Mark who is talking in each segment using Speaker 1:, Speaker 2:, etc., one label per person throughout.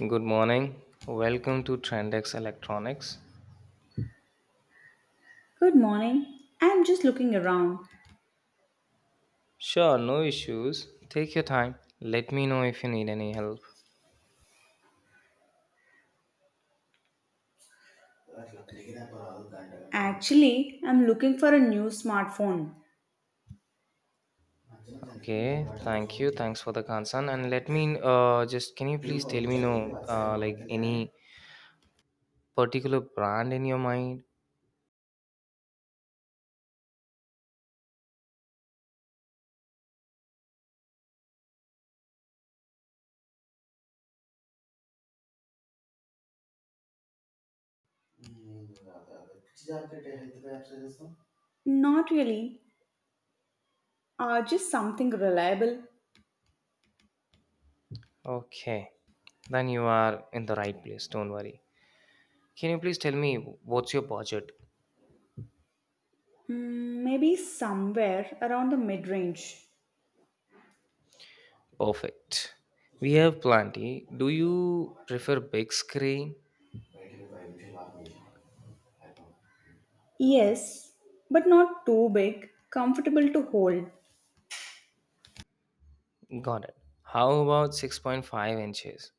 Speaker 1: Good morning. Welcome to Trendex Electronics.
Speaker 2: Good morning. I'm just looking around.
Speaker 1: Sure, no issues. Take your time. Let me know if you need any help.
Speaker 2: Actually, I'm looking for a new smartphone.
Speaker 1: Okay, thank you. Thanks for the concern. And let me just can you please tell me no like any particular brand in your mind?
Speaker 2: Not really, just something reliable.
Speaker 1: Okay, then you are in the right place. Don't worry. Can you please tell me what's your budget?
Speaker 2: Hmm, maybe somewhere around the mid range.
Speaker 1: Perfect. We have plenty. Do you prefer big screen?
Speaker 2: Yes, but not too big, comfortable to hold.
Speaker 1: Got it. How about 6.5 inches?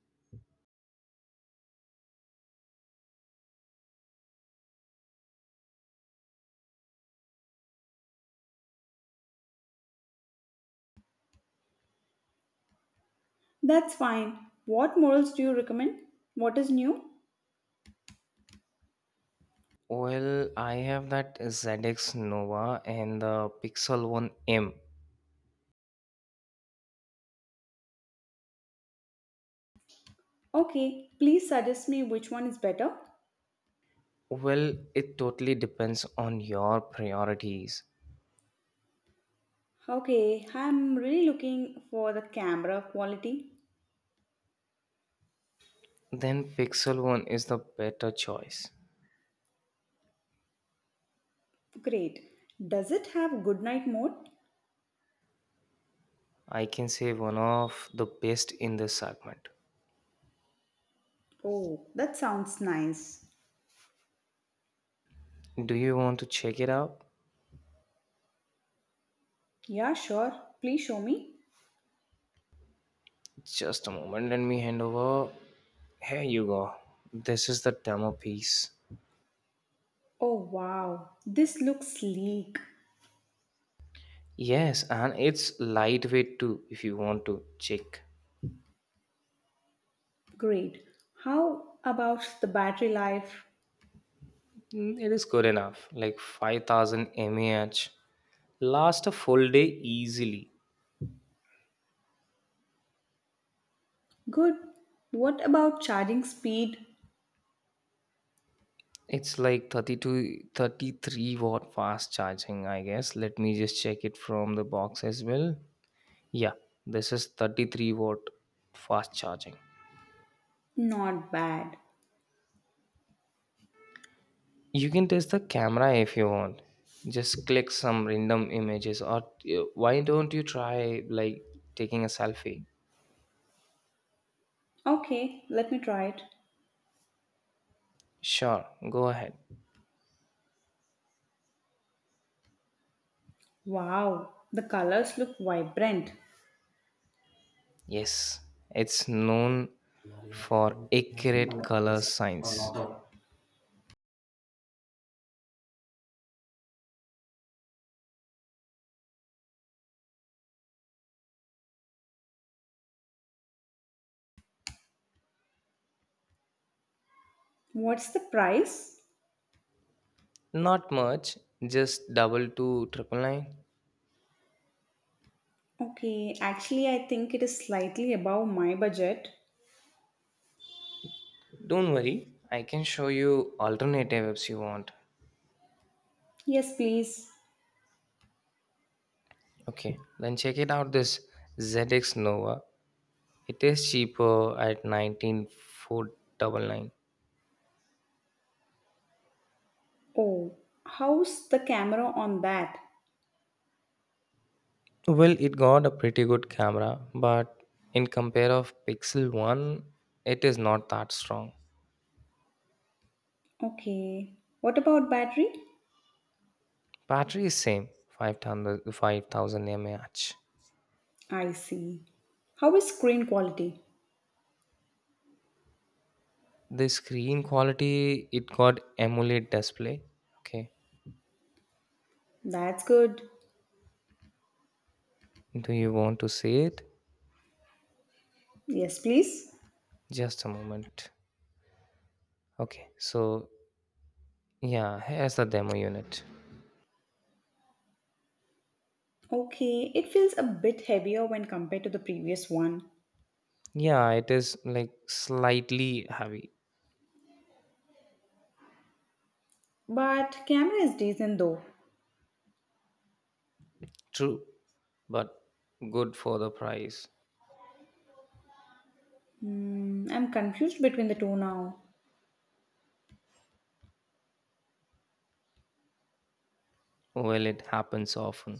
Speaker 2: That's fine. What models do you recommend? What is new?
Speaker 1: Well, I have that ZX Nova and the Pixel 1 M.
Speaker 2: Okay, please suggest me which one is better.
Speaker 1: Well, it totally depends on your priorities.
Speaker 2: Okay, I'm really looking for the camera quality.
Speaker 1: Then Pixel 1 is the better choice.
Speaker 2: Great. Does it have good night mode?
Speaker 1: I can say one of the best in this segment.
Speaker 2: Oh, that sounds nice.
Speaker 1: Do you want to check it out?
Speaker 2: Yeah, sure. Please show me.
Speaker 1: Just a moment, let me hand over. Here you go. This is the demo piece.
Speaker 2: Oh, wow. This looks sleek.
Speaker 1: Yes, and it's lightweight too if you want to check.
Speaker 2: Great. How about the battery life?
Speaker 1: It is good enough, like 5,000 mAh last a full day easily.
Speaker 2: Good. What about charging speed?
Speaker 1: It's like 32, 33 watt fast charging, I guess. Let me just check it from the box as well. Yeah, this is 33-watt fast charging.
Speaker 2: Not bad.
Speaker 1: You can test the camera if you want. Just click some random images or why don't you try like taking a selfie.
Speaker 2: Okay, let me try it.
Speaker 1: Sure, go ahead.
Speaker 2: Wow, the colors look vibrant.
Speaker 1: Yes, it's known for accurate color science.
Speaker 2: What's the price?
Speaker 1: Not much, just double to double two triple nine.
Speaker 2: Okay, actually, I think it is slightly above my budget.
Speaker 1: Don't worry, I can show you alternative apps you want.
Speaker 2: Yes, please.
Speaker 1: Okay, then check it out this ZX Nova. It is cheaper at 19,499.
Speaker 2: Oh, how's the camera on that?
Speaker 1: Well, it got a pretty good camera, but in compare of Pixel One, it is not that strong.
Speaker 2: Okay. What about battery?
Speaker 1: Battery is same, 5,000 mAh.
Speaker 2: I see. How is screen quality?
Speaker 1: The screen quality, it got AMOLED display. Okay,
Speaker 2: That's good.
Speaker 1: do you want to see it?
Speaker 2: Yes, please.
Speaker 1: Just a moment. Okay, so yeah, here's the demo unit.
Speaker 2: Okay, it feels a bit heavier when compared to the previous one.
Speaker 1: Yeah, it is like slightly heavy,
Speaker 2: But camera is decent though.
Speaker 1: true, but good for the price.
Speaker 2: Hmm, I'm confused between the two now.
Speaker 1: Well, it happens often.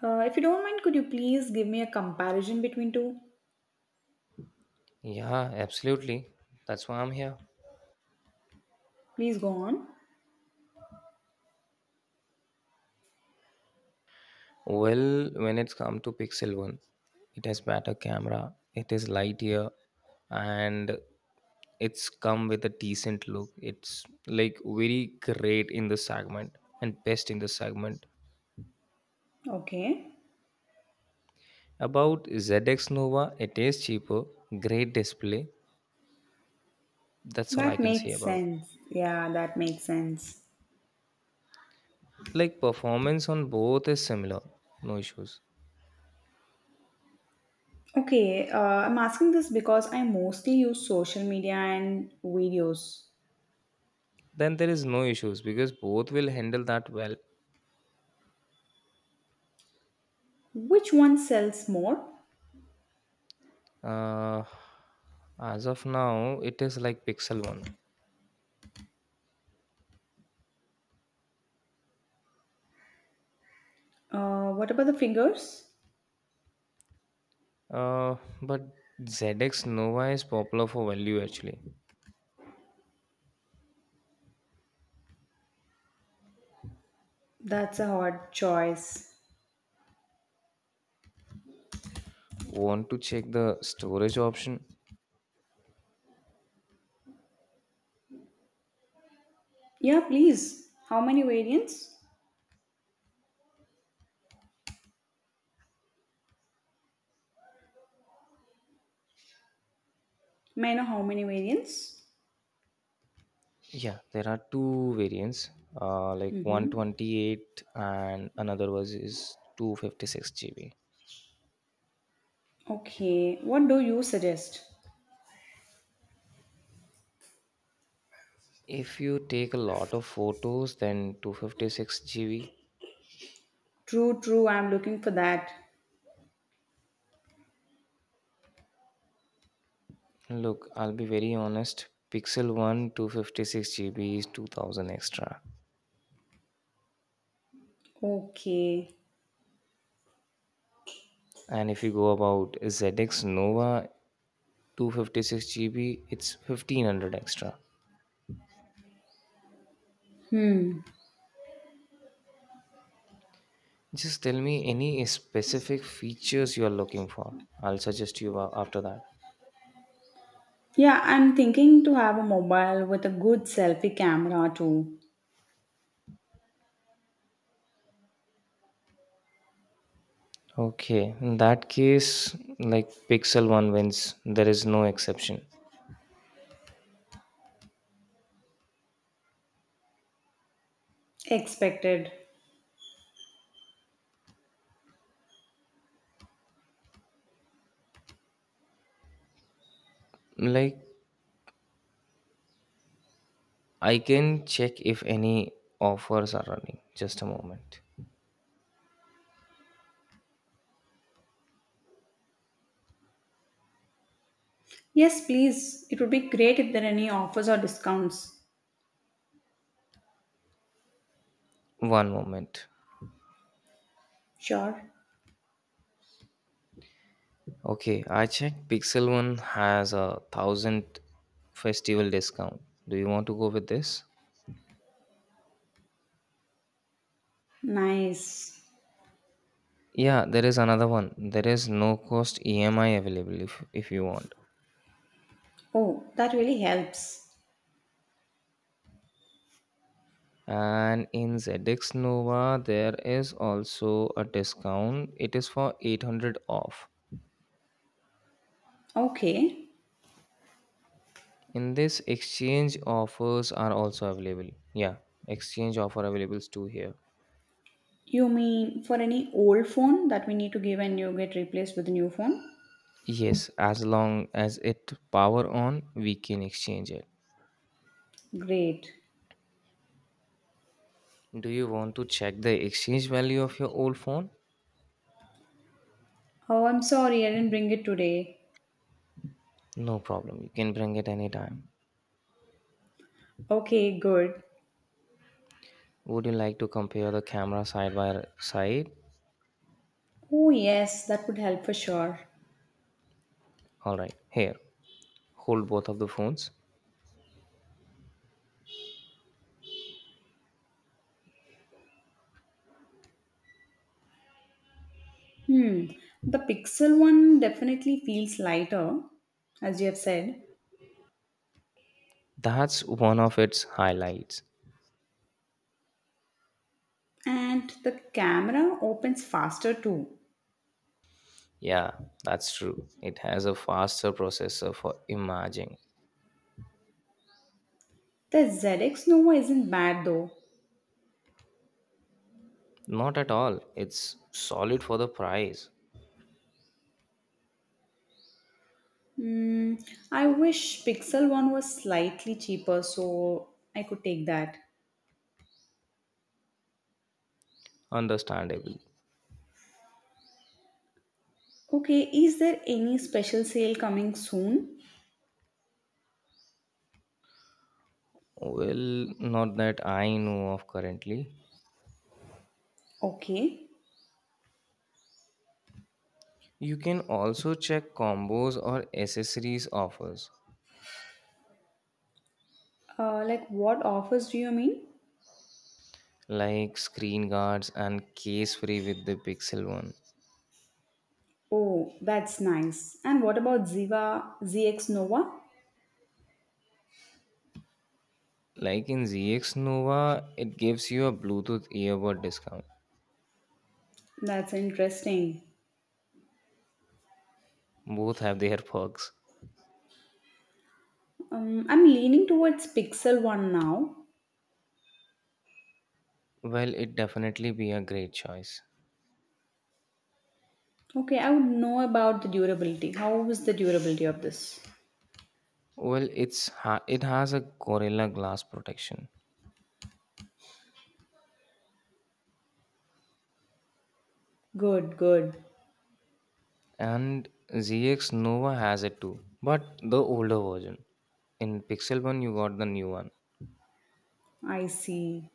Speaker 2: If you don't mind, could you please give me a comparison between two?
Speaker 1: Yeah, absolutely. That's why I'm here.
Speaker 2: Please go on.
Speaker 1: Well, when it's come to Pixel 1, it has better camera, it is light and it's come with a decent look. It's like very great in the segment and best in the segment.
Speaker 2: Okay.
Speaker 1: About ZX Nova, it is cheaper, great display. That's all I
Speaker 2: That
Speaker 1: can say
Speaker 2: makes
Speaker 1: about
Speaker 2: sense. Yeah, that makes sense.
Speaker 1: it. Like performance on both is similar, no issues.
Speaker 2: Okay, I'm asking this because I mostly use social media and videos.
Speaker 1: Then there is no issues because both will handle that well.
Speaker 2: Which one sells more?
Speaker 1: Uh, as of now, it is like Pixel One.
Speaker 2: What about the fingers?
Speaker 1: Uh, but ZX Nova is popular for value actually.
Speaker 2: That's a hard choice.
Speaker 1: Want to check the storage option?
Speaker 2: Yeah, please. How many variants? May I know how many variants?
Speaker 1: Yeah, there are two variants. Like
Speaker 2: Mm-hmm.
Speaker 1: 128 and another was is 256 GB.
Speaker 2: Okay, what do you suggest?
Speaker 1: If you take a lot of photos, then 256 GB.
Speaker 2: True, true, I'm looking for that.
Speaker 1: Look, I'll be very honest. Pixel 1 256 GB is 2000 extra.
Speaker 2: Okay.
Speaker 1: And if you go about ZX Nova 256 GB, it's 1500 extra.
Speaker 2: Hmm.
Speaker 1: Just tell me any specific features you are looking for. I'll suggest you after that.
Speaker 2: Yeah, I'm thinking to have a mobile with a good selfie camera too.
Speaker 1: Okay, in that case, like Pixel 1 wins, there is no exception.
Speaker 2: Expected.
Speaker 1: Like I can check if any offers are running. Just a moment.
Speaker 2: Yes, please. It would be great if there are any offers or discounts.
Speaker 1: One moment.
Speaker 2: Sure.
Speaker 1: Okay, I checked Pixel One has a thousand festival discount. Do you want to go with this?
Speaker 2: Nice.
Speaker 1: Yeah, there is another one. There is no cost EMI available if you want.
Speaker 2: Oh, that really helps.
Speaker 1: And in ZX Nova, there is also a discount. It is for 800 off.
Speaker 2: Okay.
Speaker 1: In this, exchange offers are also available. Yeah, exchange offer available too here.
Speaker 2: You mean for any old phone that we need to give and you get replaced with a new phone?
Speaker 1: Yes, as long as it power on, we can exchange it.
Speaker 2: Great.
Speaker 1: Do you want to check the exchange value of your old phone?
Speaker 2: Oh, I'm sorry, I didn't bring it today.
Speaker 1: No problem. You can bring it anytime.
Speaker 2: Okay, good.
Speaker 1: Would you like to compare the camera side by side?
Speaker 2: Oh, yes, that would help for sure.
Speaker 1: All right. Here, hold both of the phones.
Speaker 2: Hmm. The Pixel one definitely feels lighter, as you have said,
Speaker 1: That's one of its highlights.
Speaker 2: and the camera opens faster too.
Speaker 1: Yeah, that's true. It has a faster processor for imaging.
Speaker 2: The ZX Nova isn't bad though.
Speaker 1: Not at all. It's solid for the price.
Speaker 2: Hmm. I wish Pixel 1 was slightly cheaper so I could take that.
Speaker 1: Understandable.
Speaker 2: Okay, is there any special sale coming soon?
Speaker 1: Well, not that I know of currently.
Speaker 2: Okay,
Speaker 1: You can also check combos or accessories offers
Speaker 2: like what offers do you mean?
Speaker 1: like screen guards and case free with the Pixel 1.
Speaker 2: Oh, that's nice. And what about Ziva ZX Nova?
Speaker 1: Like in ZX Nova, it gives you a Bluetooth earbud discount.
Speaker 2: That's interesting.
Speaker 1: Both have their perks.
Speaker 2: I'm leaning towards Pixel 1 now.
Speaker 1: Well, it definitely be a great choice.
Speaker 2: Okay, I would know about the durability. How was the durability of this?
Speaker 1: Well, it's it has a Gorilla Glass protection
Speaker 2: Good, good.
Speaker 1: and ZX Nova has it too, but the older version. In Pixel 1, you got the new one.
Speaker 2: I see.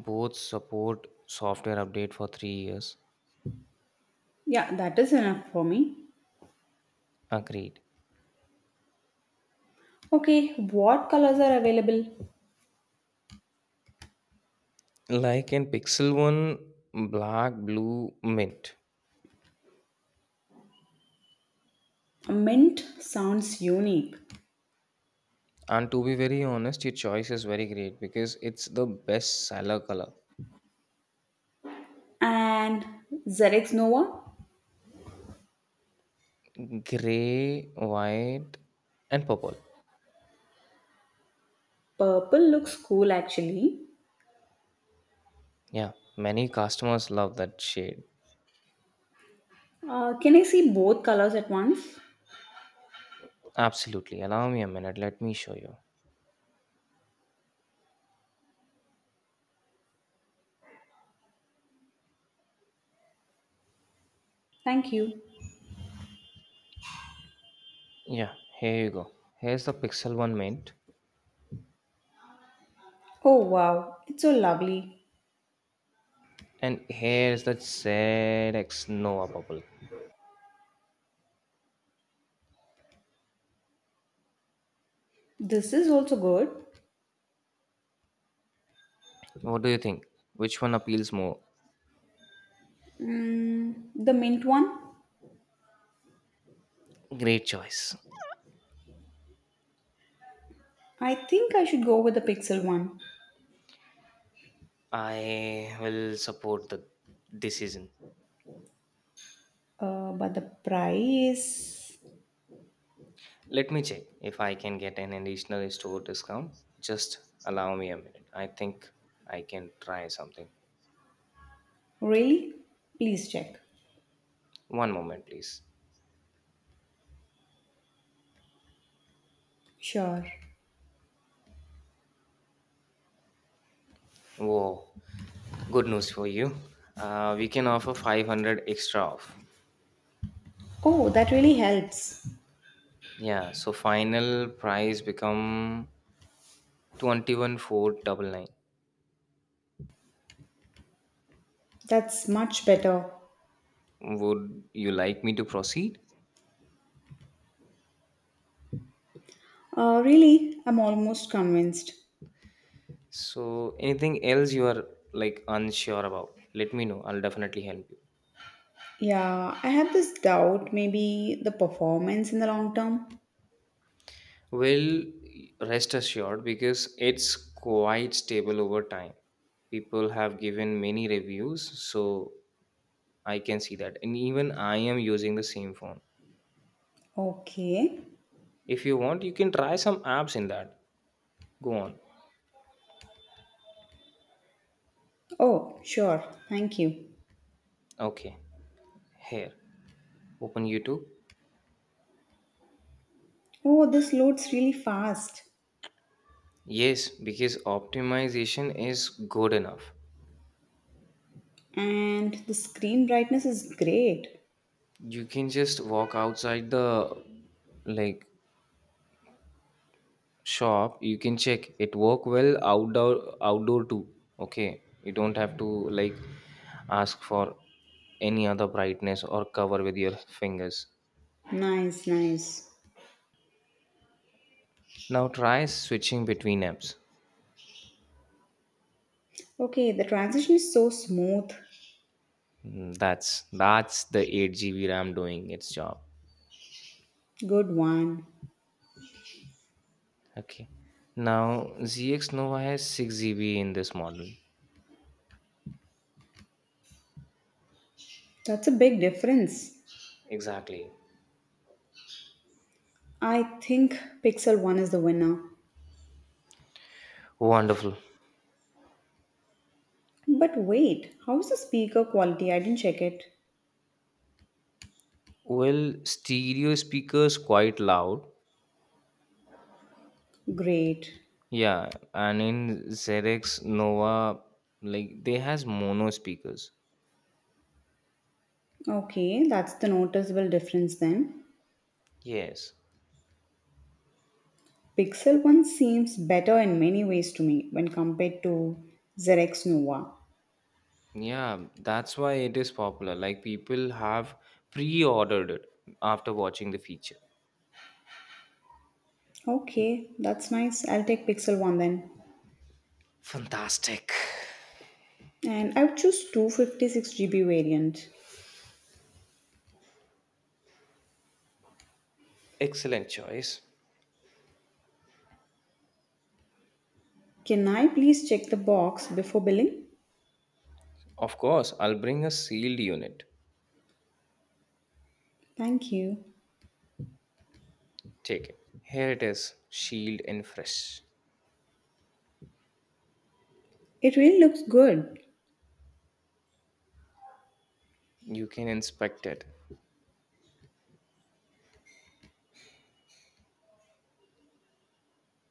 Speaker 1: Both support software update for 3 years.
Speaker 2: Yeah, that is enough for me.
Speaker 1: Agreed.
Speaker 2: Okay, what colors are available?
Speaker 1: Like in Pixel 1, black, blue, mint.
Speaker 2: Mint sounds unique.
Speaker 1: And to be very honest, your choice is very great because it's the best seller color.
Speaker 2: And Xerex Nova?
Speaker 1: Gray, white, and purple.
Speaker 2: Purple looks cool actually.
Speaker 1: Yeah, many customers love that shade.
Speaker 2: Can I see both colors at once?
Speaker 1: Absolutely. Allow me a minute. Let me show you.
Speaker 2: Thank you.
Speaker 1: Yeah, here you go. Here's the Pixel 1 mint.
Speaker 2: Oh wow, it's so lovely.
Speaker 1: And here's the ZX Nova purple.
Speaker 2: This is also good.
Speaker 1: What do you think? Which one appeals more?
Speaker 2: Mm, the mint one?
Speaker 1: Great choice.
Speaker 2: I think I should go with the pixel one.
Speaker 1: I will support the decision.
Speaker 2: But the price.
Speaker 1: Let me check if I can get an additional store discount. Just allow me a minute. I think I can try something.
Speaker 2: Really? Please check.
Speaker 1: One moment, please.
Speaker 2: Sure.
Speaker 1: Whoa, good news for you. We can offer 500 extra off.
Speaker 2: Oh, that really helps.
Speaker 1: Yeah, so final price become 21,499.
Speaker 2: That's much better.
Speaker 1: Would you like me to proceed?
Speaker 2: Really, I'm almost convinced.
Speaker 1: So anything else you are like unsure about, let me know. I'll definitely help you.
Speaker 2: Yeah, I have this doubt maybe the performance in the long term.
Speaker 1: Well, rest assured because it's quite stable over time. People have given many reviews, so I can see that. And even I am using the same phone.
Speaker 2: Okay.
Speaker 1: If you want, you can try some apps in that. Go on.
Speaker 2: Oh, sure. Thank you.
Speaker 1: Okay, here. Open YouTube.
Speaker 2: Oh, this loads really fast.
Speaker 1: Yes, because optimization is good enough.
Speaker 2: And the screen brightness is great.
Speaker 1: You can just walk outside the like shop. You can check it work well outdoor too. Okay, you don't have to like ask for any other brightness or cover with your fingers.
Speaker 2: Nice, nice.
Speaker 1: Now try switching between apps.
Speaker 2: Okay, the transition is so smooth.
Speaker 1: That's the 8 GB ram doing its job.
Speaker 2: Good one.
Speaker 1: Okay, now zx nova has 6 GB in this model.
Speaker 2: That's a big difference.
Speaker 1: Exactly.
Speaker 2: I think Pixel 1 is the winner.
Speaker 1: Wonderful.
Speaker 2: But wait, how's the speaker quality? I didn't check it.
Speaker 1: Well, stereo speakers quite loud.
Speaker 2: Great.
Speaker 1: Yeah, and in Xerox Nova, like they has mono speakers.
Speaker 2: Okay, that's the noticeable difference then.
Speaker 1: Yes.
Speaker 2: Pixel 1 seems better in many ways to me when compared to Xerox Nova.
Speaker 1: Yeah, that's why it is popular. Like people have pre-ordered it after watching the feature.
Speaker 2: Okay, that's nice. I'll take Pixel 1 then.
Speaker 1: Fantastic.
Speaker 2: And I would choose 256 GB variant.
Speaker 1: Excellent choice.
Speaker 2: Can I please check the box before billing?
Speaker 1: Of course, I'll bring a sealed unit.
Speaker 2: Thank you.
Speaker 1: Take it. Here it is, sealed and fresh.
Speaker 2: It really looks good.
Speaker 1: You can inspect it.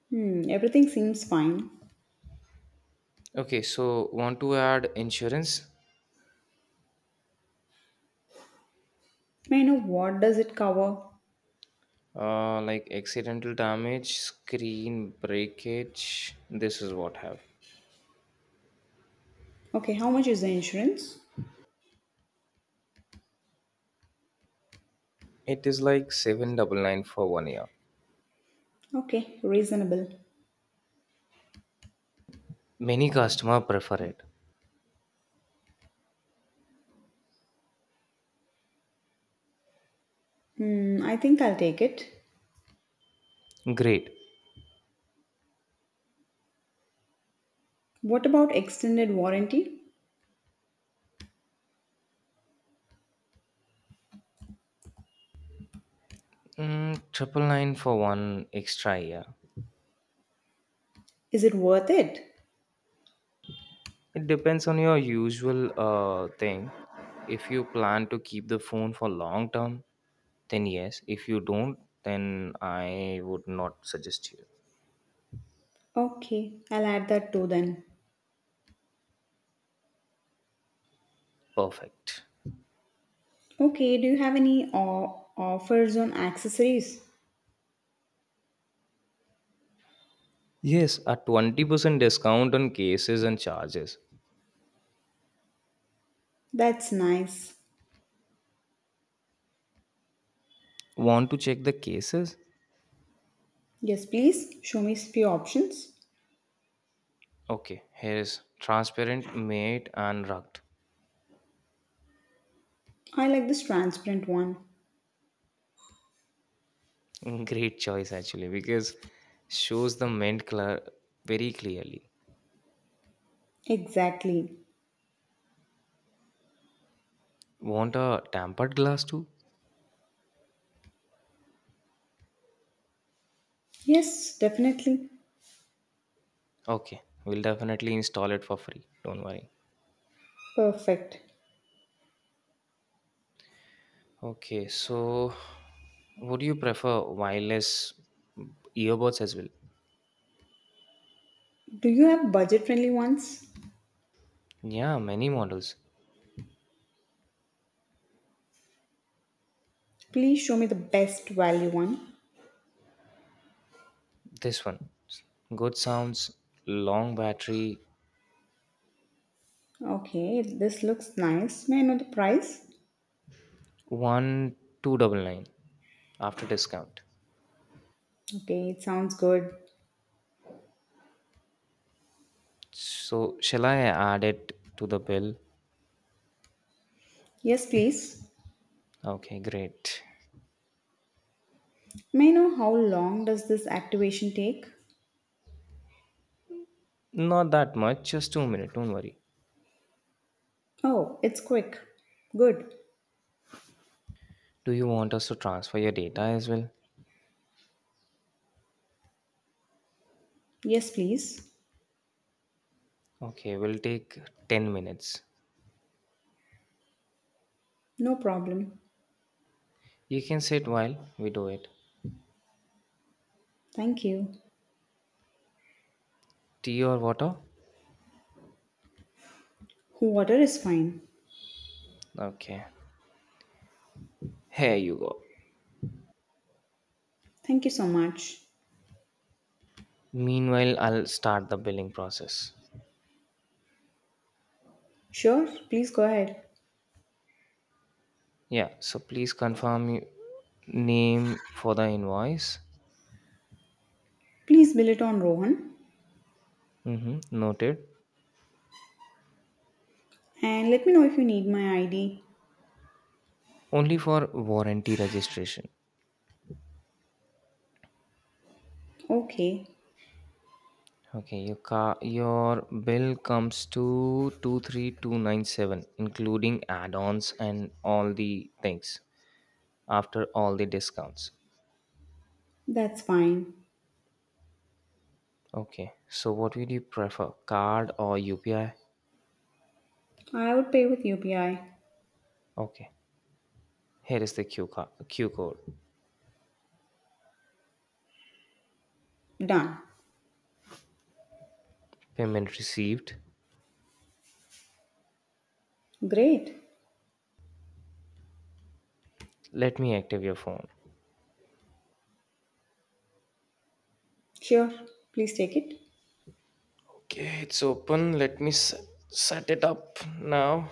Speaker 2: Hmm, everything seems fine.
Speaker 1: Okay, so want to add insurance?
Speaker 2: May I know what does it cover?
Speaker 1: Like accidental damage, screen breakage. This is what have.
Speaker 2: Okay, how much is the insurance?
Speaker 1: It is like seven double nine for one year.
Speaker 2: Okay, reasonable.
Speaker 1: Many customer prefer it.
Speaker 2: Hmm, I think I'll take it.
Speaker 1: Great.
Speaker 2: What about extended warranty?
Speaker 1: Triple nine for one extra year.
Speaker 2: Is it worth it?
Speaker 1: It depends on your usual thing. If you plan to keep the phone for long term, then yes. If you don't, then I would not suggest you.
Speaker 2: Okay, I'll add that too then.
Speaker 1: Perfect.
Speaker 2: Okay, do you have any offers on accessories?
Speaker 1: Yes, a 20% discount on cases and charges.
Speaker 2: That's nice.
Speaker 1: Want to check the cases?
Speaker 2: Yes, please show me few options.
Speaker 1: Okay, here is transparent, matte, and rugged.
Speaker 2: I like this transparent one.
Speaker 1: Great choice actually because shows the mint color very clearly.
Speaker 2: Exactly.
Speaker 1: Want a tempered glass too?
Speaker 2: Yes, definitely.
Speaker 1: Okay, we'll definitely install it for free. Don't worry.
Speaker 2: Perfect.
Speaker 1: Okay, so would you prefer wireless earbuds as well?
Speaker 2: Do you have budget friendly ones?
Speaker 1: Yeah, many models.
Speaker 2: Please show me the best value one.
Speaker 1: This one, good sounds, long battery,
Speaker 2: Okay, this looks nice. May I know the price?
Speaker 1: 1,299 after discount.
Speaker 2: Okay, it sounds good.
Speaker 1: So, shall I add it to the bill?
Speaker 2: Yes, please.
Speaker 1: Okay, great.
Speaker 2: May I know how long does this activation take?
Speaker 1: Not that much, just 2 minutes, don't worry.
Speaker 2: Oh, it's quick. Good.
Speaker 1: Do you want us to transfer your data as well?
Speaker 2: Yes, please.
Speaker 1: Okay, we'll take 10 minutes.
Speaker 2: No problem.
Speaker 1: You can sit while we do it.
Speaker 2: Thank you.
Speaker 1: Tea or water?
Speaker 2: Water is fine.
Speaker 1: Okay, here you go.
Speaker 2: Thank you so much.
Speaker 1: Meanwhile, I'll start the billing process.
Speaker 2: Sure, please go ahead.
Speaker 1: Yeah, so please confirm your name for the invoice.
Speaker 2: Please bill it on Rohan
Speaker 1: Mm-hmm, noted.
Speaker 2: and let me know if you need my ID.
Speaker 1: Only for warranty registration.
Speaker 2: Okay,
Speaker 1: Okay, your bill comes to 23,297 including add-ons and all the things after all the discounts.
Speaker 2: that's fine.
Speaker 1: Okay. So what would you prefer, card or UPI?
Speaker 2: I would pay with UPI.
Speaker 1: Okay. Here is the Q code.
Speaker 2: Done.
Speaker 1: Payment received.
Speaker 2: Great.
Speaker 1: Let me active your phone.
Speaker 2: Sure, please take it.
Speaker 1: Okay, it's open. Let me set it up now.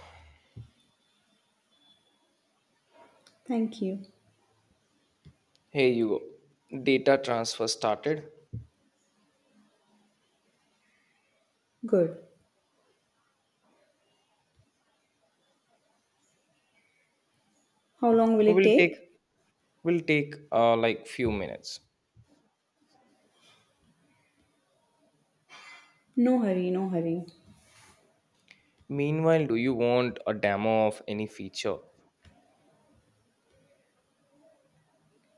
Speaker 2: Thank you.
Speaker 1: Here you go. Data transfer started.
Speaker 2: Good. How long will
Speaker 1: It
Speaker 2: it
Speaker 1: will take
Speaker 2: take?
Speaker 1: will take like few minutes.
Speaker 2: No hurry, no hurry.
Speaker 1: Meanwhile, do you want a demo of any feature?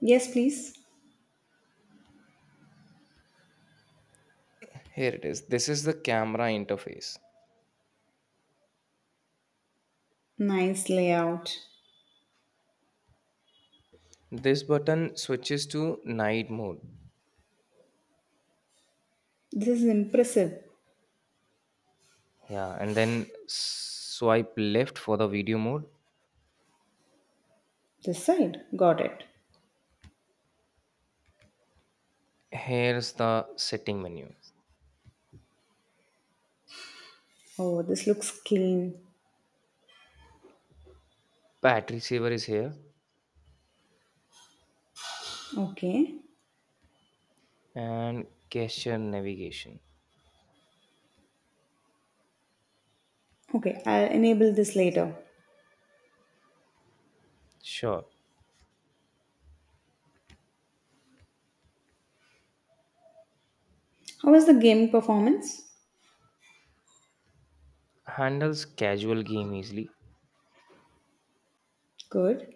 Speaker 2: Yes, please.
Speaker 1: Here it is. This is the camera interface.
Speaker 2: Nice layout.
Speaker 1: This button switches to night mode.
Speaker 2: This is impressive.
Speaker 1: Yeah, and then swipe left for the video mode.
Speaker 2: This side. Got it.
Speaker 1: Here's the setting menu.
Speaker 2: Oh, this looks clean.
Speaker 1: Battery saver is here
Speaker 2: Okay.
Speaker 1: and gesture navigation.
Speaker 2: Okay, I'll enable this later.
Speaker 1: Sure.
Speaker 2: How is the gaming performance?
Speaker 1: Handles casual game easily.
Speaker 2: Good.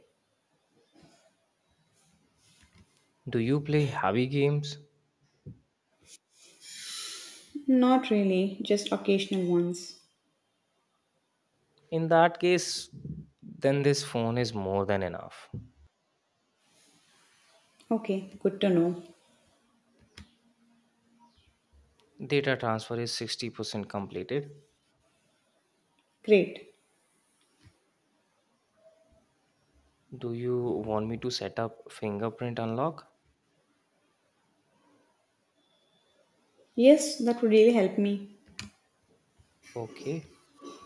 Speaker 1: Do you play heavy games?
Speaker 2: Not really, just occasional ones.
Speaker 1: In that case, then this phone is more than enough.
Speaker 2: Okay, good to know.
Speaker 1: Data transfer is 60% completed.
Speaker 2: Great.
Speaker 1: Do you want me to set up fingerprint unlock?
Speaker 2: Yes, that would really help me.
Speaker 1: Okay.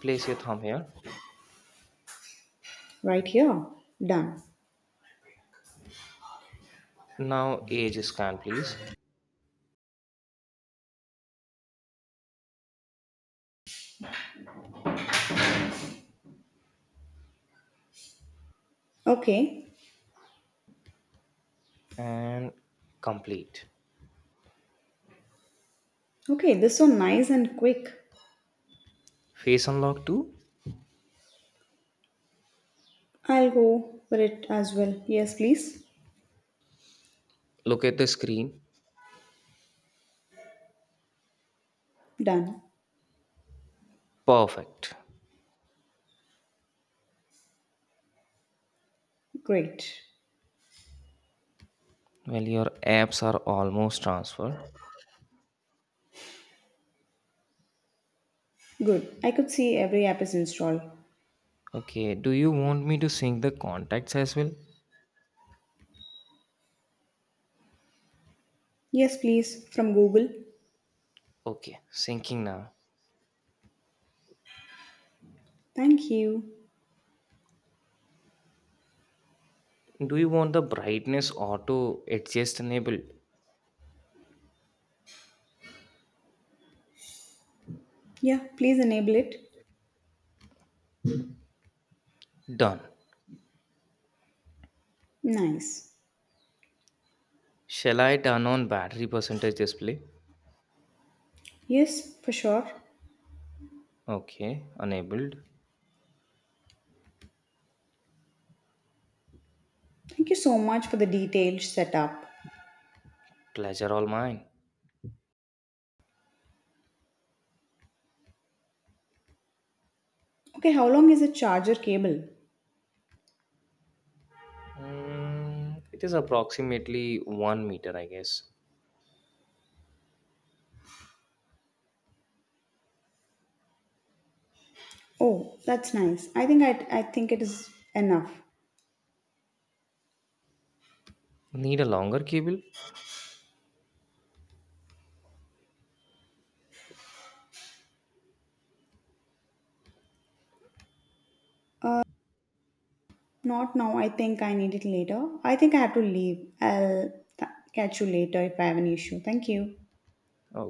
Speaker 1: Place your thumb here.
Speaker 2: Right here. Done.
Speaker 1: Now age scan please
Speaker 2: Okay.
Speaker 1: and complete.
Speaker 2: Okay, this is so nice and quick.
Speaker 1: Face unlock too.
Speaker 2: I'll go for it as well. Yes, please.
Speaker 1: Look at the screen.
Speaker 2: Done.
Speaker 1: Perfect.
Speaker 2: Great.
Speaker 1: Well your apps are almost transferred.
Speaker 2: Good. I could see every app is installed.
Speaker 1: Okay, do you want me to sync the contacts as well?
Speaker 2: Yes, please. From Google.
Speaker 1: Okay, syncing now.
Speaker 2: Thank you.
Speaker 1: Do you want the brightness auto adjust enabled?
Speaker 2: Yeah, please enable it.
Speaker 1: Done.
Speaker 2: Nice.
Speaker 1: Shall I turn on battery percentage display?
Speaker 2: Yes, for sure.
Speaker 1: Okay, enabled.
Speaker 2: Thank you so much for the detailed setup.
Speaker 1: Pleasure all mine.
Speaker 2: Okay, how long is a charger cable?
Speaker 1: It is approximately 1 meter, I guess.
Speaker 2: Oh, that's nice. I, think I think it is enough.
Speaker 1: Need a longer cable?
Speaker 2: Not now. I think I need it later. I think I have to leave. I'll catch you later if I have an issue. Thank you.
Speaker 1: Oh,